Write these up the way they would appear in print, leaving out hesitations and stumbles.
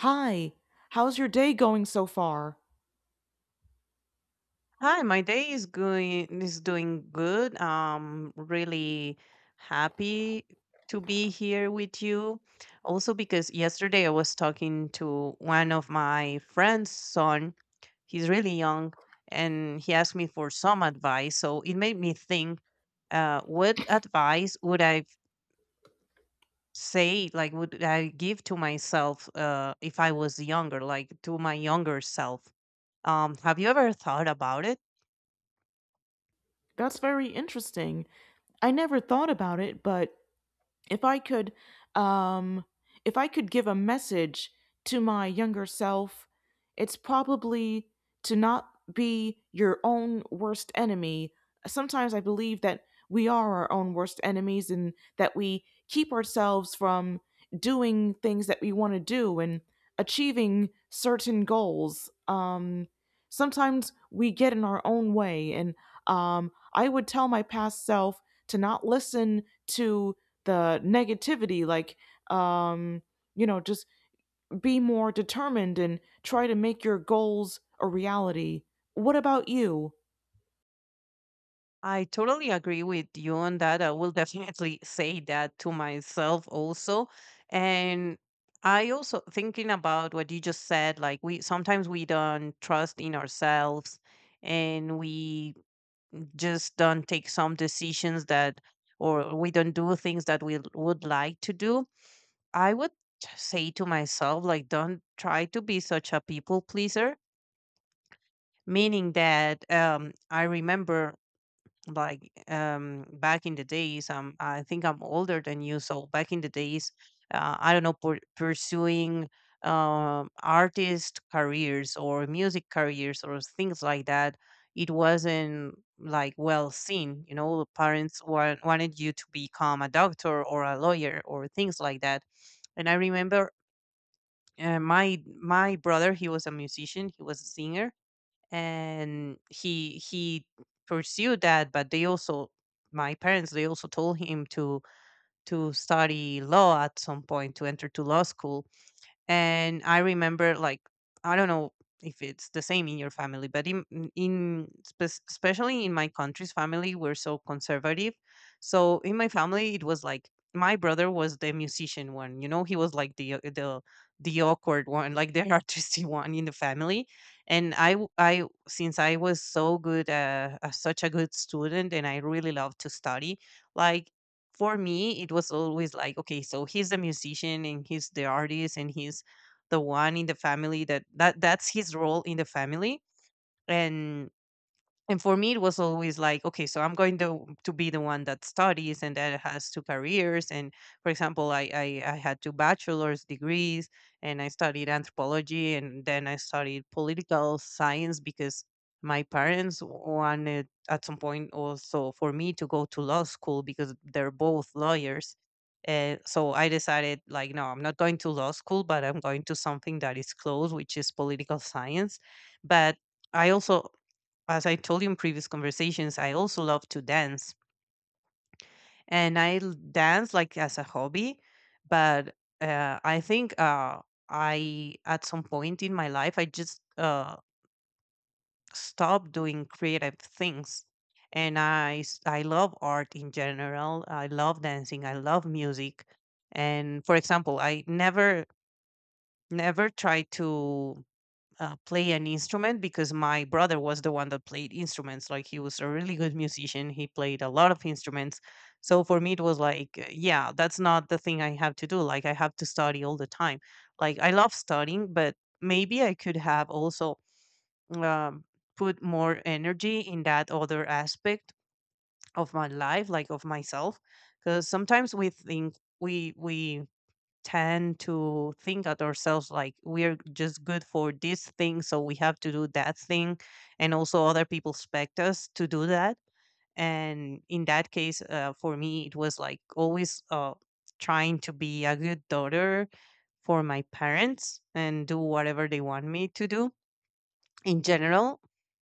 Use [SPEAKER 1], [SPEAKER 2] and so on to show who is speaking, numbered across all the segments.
[SPEAKER 1] Hi, how's your day going so far?
[SPEAKER 2] Hi, my day is going is doing good. Really happy to be here with you. Also because yesterday I was talking to one of my friend's son. He's really young and he asked me for some advice. So it made me think, what advice would I say, like would I give to myself if I was younger, like to my younger self? Have you ever thought about it?
[SPEAKER 1] That's very interesting. I never thought about it, but if I could um if I could give a message to my younger self, it's probably to not be your own worst enemy. Sometimes I believe that we are our own worst enemies and that we keep ourselves from doing things that we want to do and achieving certain goals. Sometimes we get in our own way, and I would tell my past self to not listen to the negativity, um just be more determined and try to make your goals a reality. What about you?
[SPEAKER 2] I totally agree with you on that. I will definitely say that to myself also. And I also thinking about what you just said, like we sometimes we don't trust in ourselves and we just don't take some decisions that or we don't do things that we would like to do. I would say to myself like don't try to be such a people pleaser, meaning that I remember, like, back in the days, I think I'm older than you, so back in the days, I don't know, pursuing artist careers or music careers or things like that, it wasn't like well seen, you know, the parents wanted you to become a doctor or a lawyer or things like that. And I remember, my brother, he was a musician, he was a singer, and he pursued that, but they also, my parents, they also told him to study law at some point, to enter to law school. And I remember, like, I don't know if it's the same in your family, but in especially in my country's family, we're so conservative. So in my family, it was like my brother was the musician one. You know, he was like the the awkward one, like the artistic one in the family. And I, I, since I was so good, such a good student, and I really loved to study, like for me it was always like, okay, so he's the musician and he's the artist and he's the one in the family that, that's his role in the family. and and for me it was always like, okay, so I'm going to be the one that studies and that has two careers. And for example, I had two bachelor's degrees, and I studied anthropology and then I studied political science, because my parents wanted at some point also for me to go to law school because they're both lawyers. And so I decided, like, no, I'm not going to law school, but I'm going to something that is close, which is political science. But I also, as I told you in previous conversations, I also love to dance, and I dance like as a hobby. But I think I, at some point in my life, I just stopped doing creative things. And I, I love art in general. I love dancing. I love music. And for example, I never, never try to play an instrument because my brother was the one that played instruments. Like, he was a really good musician. He played a lot of instruments. So for me, it was like, yeah, that's not the thing I have to do. Like, I have to study all the time. Like, I love studying, but maybe I could have also um, put more energy in that other aspect of my life, like of myself. Because sometimes we think we tend to think at ourselves like we're just good for this thing, so we have to do that thing. And also, other people expect us to do that. And in that case, for me, it was like always trying to be a good daughter for my parents and do whatever they want me to do in general.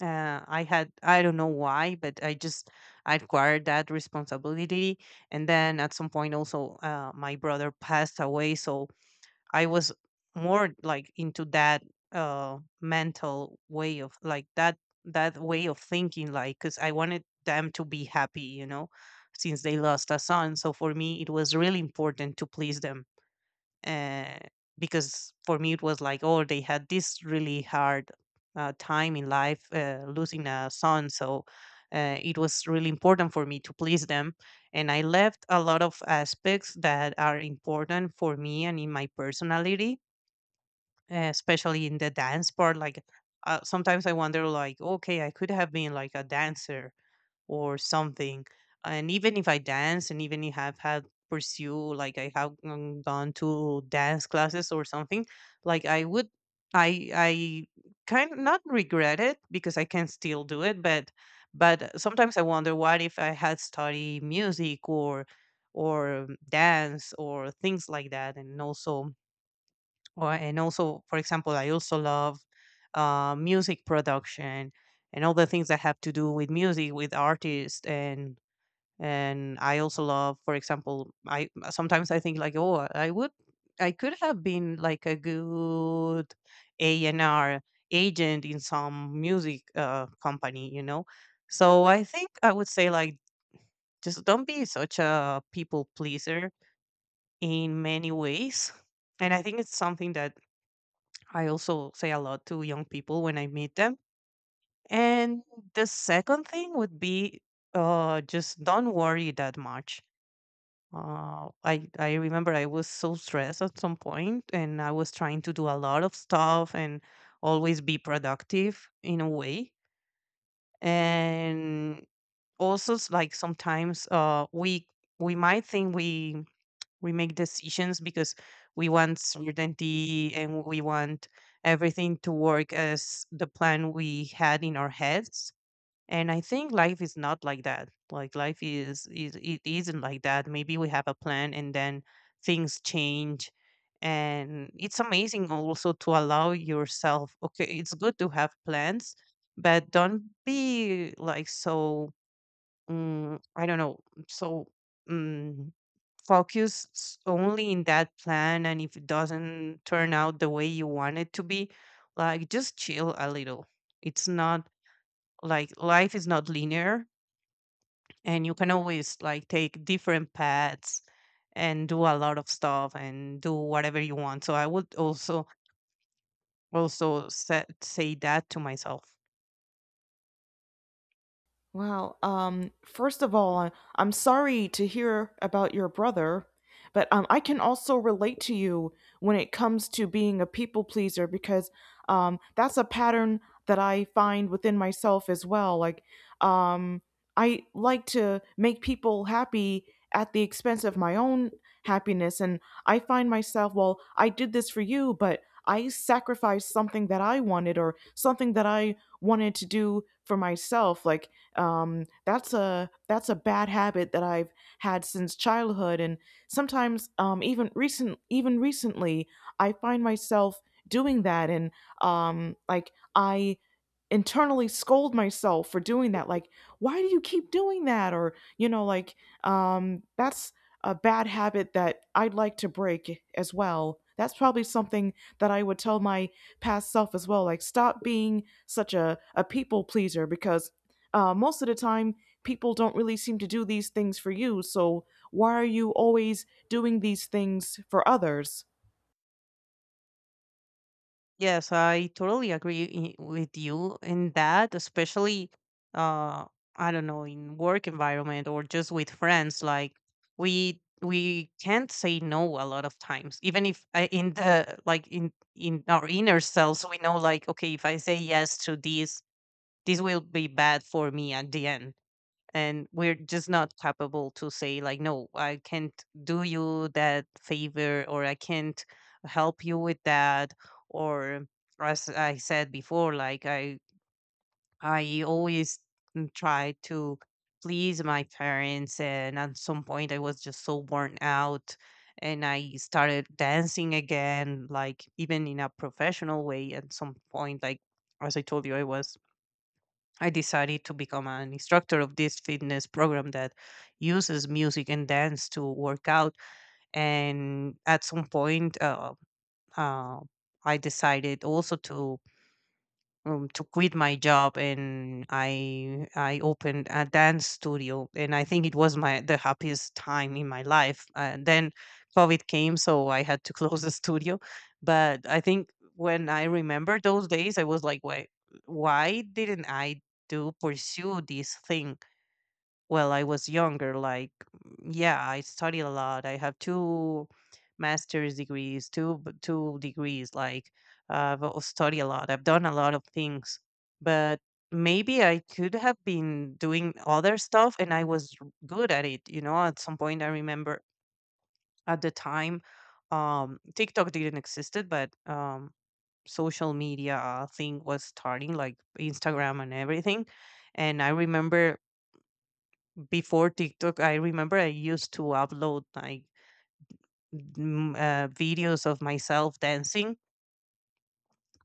[SPEAKER 2] I had, I don't know why, but I just I acquired that responsibility. And then at some point, also, my brother passed away. So I was more like into that mental way of like that that way of thinking, like, cuz I wanted them to be happy, you know, since they lost a son. So for me it was really important to please them, uh, because for me it was like, oh, they had this really hard time in life, losing a son. So it was really important for me to please them, and I left a lot of aspects that are important for me and in my personality, especially in the dance part. Like, sometimes I wonder, like, okay, I could have been like a dancer or something. And even if I dance, and even if I've had pursue, like I have gone to dance classes or something, like I would, I kind of not regret it because I can still do it. But sometimes I wonder what if I had studied music or dance or things like that. And also or and also, for example, I also love music production and all the things that have to do with music, with artists. And I also love, for example, I sometimes I think like, oh, I would I could have been like a good A&R agent in some music company, you know. So I think I would say like, just don't be such a people pleaser in many ways. And I think it's something that I also say a lot to young people when I meet them. And the second thing would be, just don't worry that much. I remember I was so stressed at some point, and I was trying to do a lot of stuff and always be productive in a way. And also, like, sometimes we might think we make decisions because we want certainty and we want everything to work as the plan we had in our heads. And I think life is not like that. Like, life is it isn't like that. Maybe we have a plan and then things change. And it's amazing also to allow yourself, okay, it's good to have plans, but don't be like so, I don't know, so mm, focus only in that plan. And if it doesn't turn out the way you want it to be, like, just chill a little. It's not like, life is not linear, and you can always like take different paths and do a lot of stuff and do whatever you want. So I would also also sa say that to myself.
[SPEAKER 1] Wow. First of all, I'm sorry to hear about your brother, but I can also relate to you when it comes to being a people pleaser because that's a pattern that I find within myself as well. Um, I like to make people happy at the expense of my own happiness, and I find myself, well, I did this for you, but I sacrificed something that I wanted or something that I wanted to do for myself. That's a bad habit that I've had since childhood, and sometimes even recent even recently, I find myself doing that, and I internally scold myself for doing that, like why do you keep doing that? Or you know, like, that's a bad habit that I'd like to break as well. That's probably something that I would tell my past self as well, like stop being such a people pleaser, because most of the time people don't really seem to do these things for you, so why are you always doing these things for others?
[SPEAKER 2] Yes, I totally agree with you in that, especially uh I don't know, in work environment or just with friends, like we can't say no a lot of times. Even if I, in the like in our inner selves we know like, okay, if I say yes to this, this will be bad for me at the end, and we're just not capable to say like, no, I can't do you that favor, or I can't help you with that, or as I said before, like I always try to please my parents. And at some point I was just so worn out, and I started dancing again, like even in a professional way at some point. Like, as I told you, I was I decided to become an instructor of this fitness program that uses music and dance to work out. And at some point, uh, I decided also to quit my job, and I opened a dance studio, and I think it was my the happiest time in my life. And then COVID came, so I had to close the studio. But I think when I remember those days, I was like, why didn't I do pursue this thing? Well, I was younger, like, yeah, I studied a lot. I have two master's degrees, two two degrees. Like, I've studied a lot. I've done a lot of things, but maybe I could have been doing other stuff, and I was good at it. You know, at some point, I remember at the time, TikTok didn't existed, but social media thing was starting, like Instagram and everything. And I remember before TikTok, I remember I used to upload like videos of myself dancing,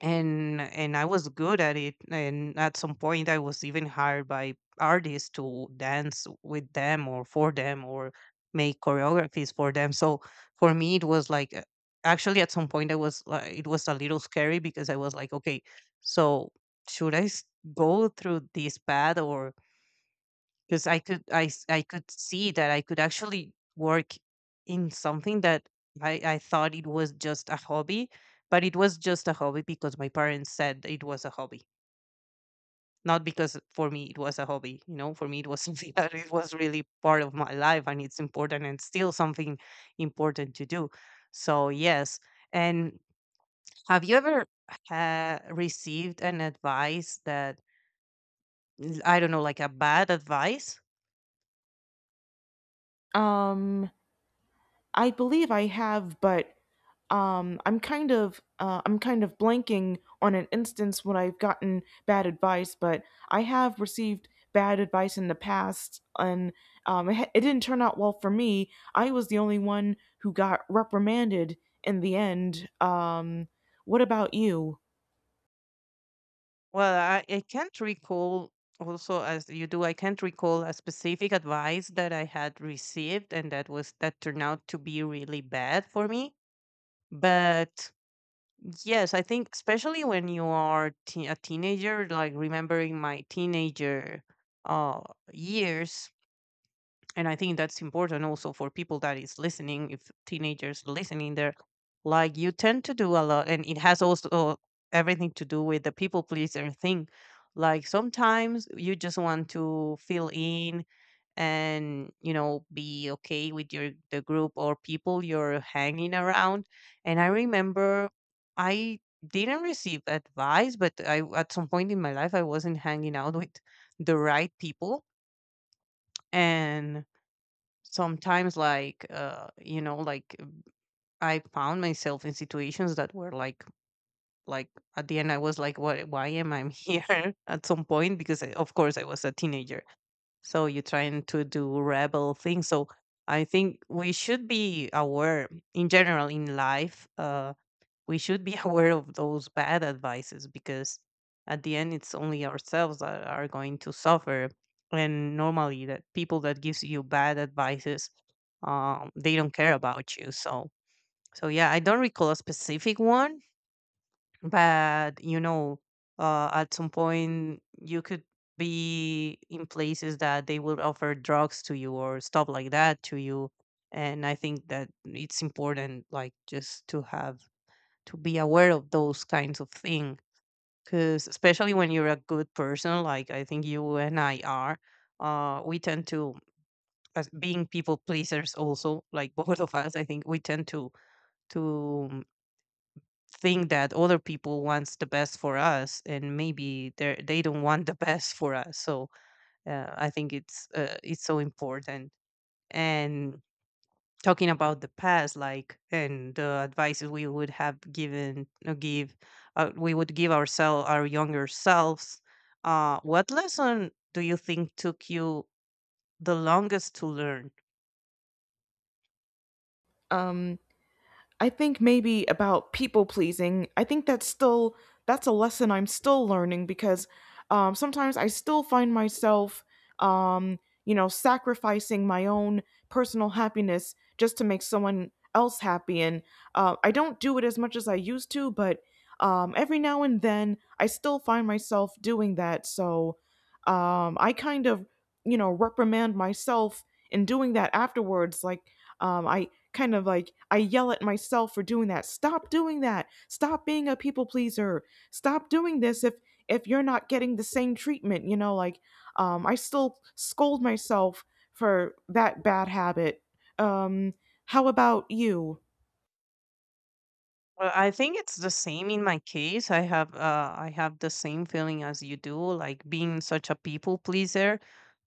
[SPEAKER 2] and I was good at it. And at some point, I was even hired by artists to dance with them or for them or make choreographies for them. So for me, it was like actually at some point, I was it was a little scary because I was like, okay, so should I go through this path or... 'Cause I could see that I could actually work in something that I thought it was just a hobby, but it was just a hobby because my parents said it was a hobby, not because for me it was a hobby, you know? For me, it was something that it was really part of my life, and it's important and still something important to do. So, yes. And have you ever ha received an advice that, I don't know, like a bad advice?
[SPEAKER 1] um I believe I have, but I'm kind of blanking on an instance when I've gotten bad advice, but I have received bad advice in the past, and it didn't turn out well for me. I was the only one who got reprimanded in the end. What about you?
[SPEAKER 2] Well, I can't recall, also as you do, I can't recall a specific advice that I had received and that turned out to be really bad for me. But yes, I think especially when you are a teenager, like remembering my teenager uh, years, and I think that's important also for people that is listening, if teenagers listening there, like you tend to do a lot and it has also everything to do with the people pleaser thing, like sometimes you just want to fill in and be okay with your the group or people you're hanging around. And I remember, I didn't receive advice, but I, at some point in my life, I wasn't hanging out with the right people. And sometimes, like, like I found myself in situations that were like, at the end I was like, what, why am I here? At some point, because I, of course, I was a teenager, so you're trying to do rebel things, so I think we should be aware in general in life, we should be aware of those bad advices because at the end it's only ourselves that are going to suffer. And normally that people that gives you bad advices, they don't care about you. So yeah, I don't recall a specific one, but at some point you could be in places that they will offer drugs to you or stuff like that to you. And I think that it's important, like, just to be aware of those kinds of things, because especially when you're a good person like I think you and I are, we tend to, as being people pleasers also, like both of us, I think we tend to think that other people wants the best for us, and maybe they don't want the best for us. So I think it's so important. And talking about the past, like, and the advices we would have given, give we would give ourselves, our younger selves, what lesson do you think took you the longest to learn?
[SPEAKER 1] Um, I think maybe about people pleasing. I think that's still that's a lesson I'm still learning because sometimes I still find myself, um, you know, sacrificing my own personal happiness just to make someone else happy, and I don't do it as much as I used to, but every now and then I still find myself doing that. So I kind of, you know, reprimand myself in doing that afterwards, like I kind of like I yell at myself for doing that. Stop doing that. Stop being a people pleaser. Stop doing this if you're not getting the same treatment, you know, like I still scold myself for that bad habit. Um how about you?
[SPEAKER 2] Well, I think it's the same in my case. I have the same feeling as you do, like being such a people pleaser.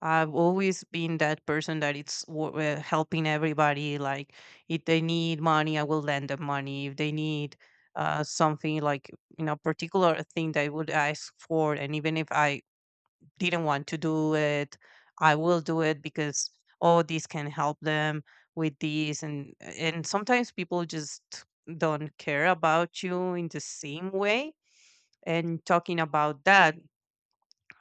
[SPEAKER 2] I've always been that person that helping everybody. Like if they need money, I will lend them money. If they need something, like particular thing they would ask for, and even if I didn't want to do it, I will do it because, oh, this can help them with these. And sometimes people just don't care about you in the same way. And talking about that,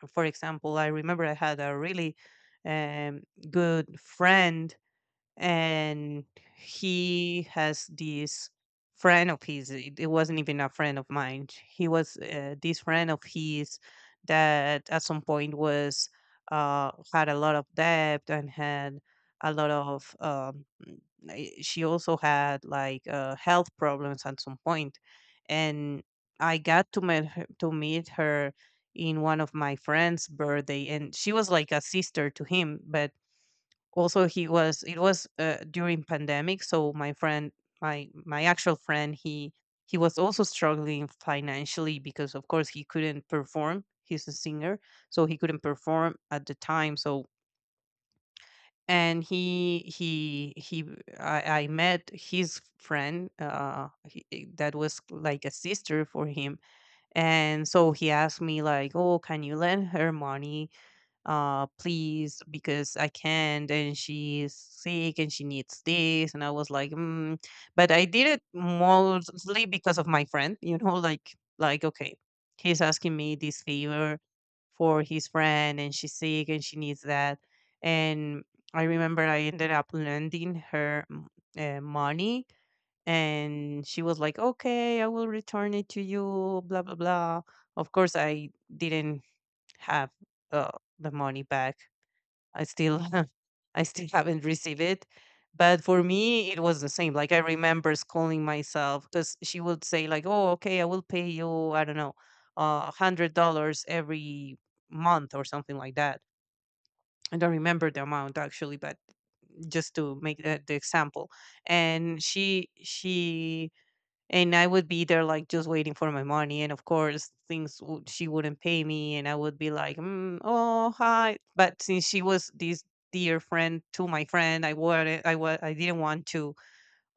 [SPEAKER 2] for example, I remember I had a really um, good friend, and he has this friend of his, it wasn't even a friend of mine, he was this friend of his that at some point was had a lot of debt and had a lot of I- she also had, like, health problems at some point. And I got to meet her in one of my friend's birthday, and she was like a sister to him. But also, he was it was during pandemic, so my friend, my actual friend, he was also struggling financially because, of course, he couldn't perform, he's a singer, so he couldn't perform at the time. So and he I met his friend, that was like a sister for him. And so he asked me, like, oh, can you lend her money, please, because I can't, and she's sick and she needs this. And I was like, mm. But I did it mostly because of my friend, like okay, he's asking me this favor for his friend, and she's sick and she needs that. And I remember I ended up lending her money. And she was like, okay, I will return it to you, blah blah blah. Of course, I didn't have uh, the money back. I still I still haven't received it. But for me, it was the same. Like, I remember scolding myself because she would say like, "Oh, okay, I will pay you. I don't know, $100 every month or something like that." I don't remember the amount, actually, but just to make the example. And she she and I would be there, like, just waiting for my money, and of course, things would she wouldn't pay me, and I would be like, mm, "Oh hi," but since she was this dear friend to my friend, I didn't want to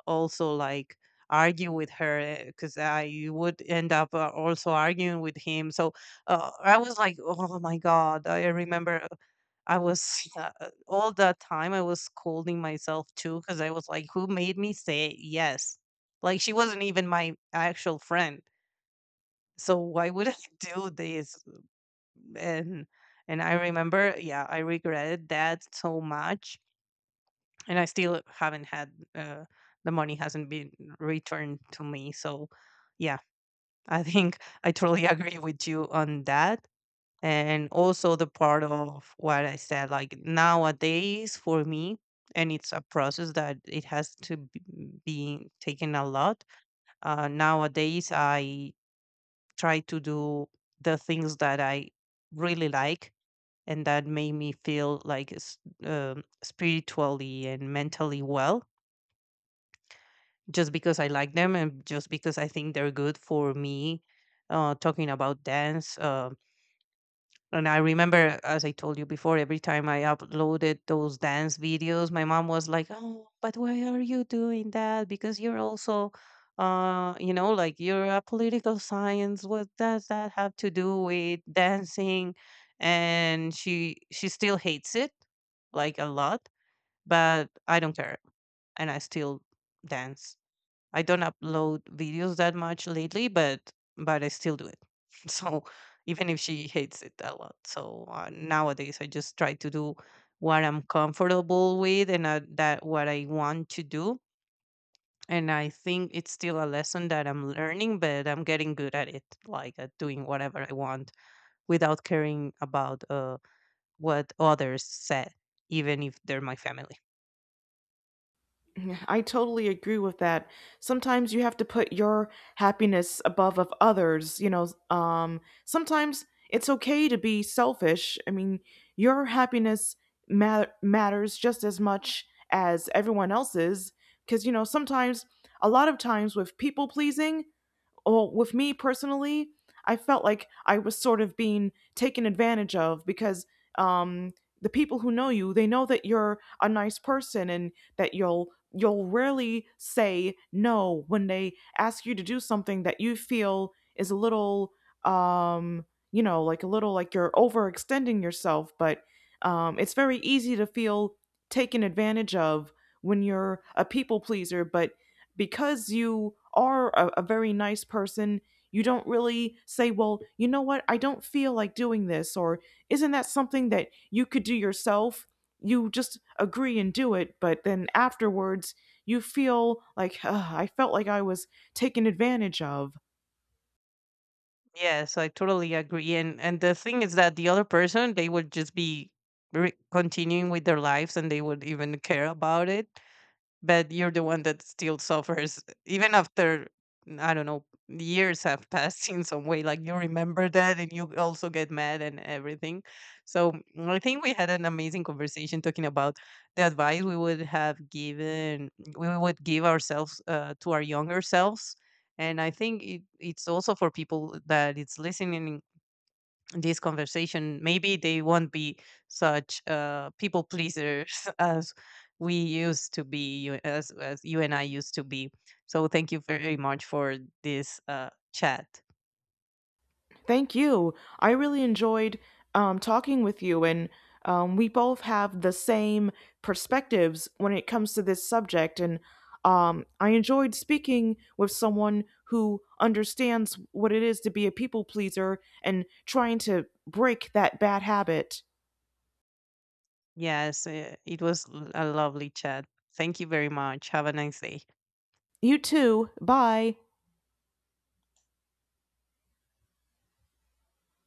[SPEAKER 2] also, like, argue with her, because I would end up also arguing with him. So I was like, "Oh my god!" I remember I was all that time I was scolding myself too, because I was like, who made me say yes? Like she wasn't even my actual friend. So why would I do this? And and I remember, yeah, I regretted that so much. And I still haven't had the money hasn't been returned to me. So yeah, I think I totally agree with you on that. And also the part of what I said, like, nowadays for me, and it's a process that it has to be taken a lot. Nowadays I try to do the things that I really like and that make me feel like spiritually and mentally well, just because I like them and just because I think they're good for me. Talking about dance, and I remember, as I told you before, every time I uploaded those dance videos, my mom was like, "Oh, but why are you doing that? Because you're also, like, you're a political science. What does that have to do with dancing?" And she still hates it, like a lot, but I don't care, and I still dance. I don't upload videos that much lately, but I still do it. So even if she hates it a lot, so nowadays I just try to do what I'm comfortable with, and that what I want to do. And I think it's still a lesson that I'm learning, but I'm getting good at it, like at doing whatever I want without caring about what others said, even if they're my family.
[SPEAKER 1] I totally agree with that. Sometimes you have to put your happiness above of others, you know, sometimes it's okay to be selfish. I mean, your happiness matters just as much as everyone else's, because you know, sometimes a lot of times with people pleasing, oh, with me personally, I felt like I was sort of being taken advantage of because um, the people who know you, they know that you're a nice person and that you'll rarely say no when they ask you to do something that you feel is a little um, you know, like a little like you're overextending yourself. But it's very easy to feel taken advantage of when you're a people pleaser, but because you are a very nice person, you don't really say, well, you know what, I don't feel like doing this, or isn't that something that you could do yourself? You just agree and do it, but then afterwards, you feel like, "Ugh, I felt like I was taken advantage of."
[SPEAKER 2] Yes, I totally agree. And the thing is that the other person, they would just be continuing with their lives, and they would even care about it. But you're the one that still suffers even after, I don't know, years have passed in some way, like you remember that and you also get mad and everything. So I think we had an amazing conversation, talking about the advice we would give ourselves, to our younger selves. And I think it's also for people that it's listening this conversation, maybe they won't be such people pleasers as we used to be, as you and I used to be. So thank you very much for this chat.
[SPEAKER 1] Thank you. I really enjoyed talking with you, and we both have the same perspectives when it comes to this subject. And I enjoyed speaking with someone who understands what it is to be a people pleaser and trying to break that bad habit.
[SPEAKER 2] Yes, it was a lovely chat. Thank you very much, have a nice day.
[SPEAKER 1] You too. Bye.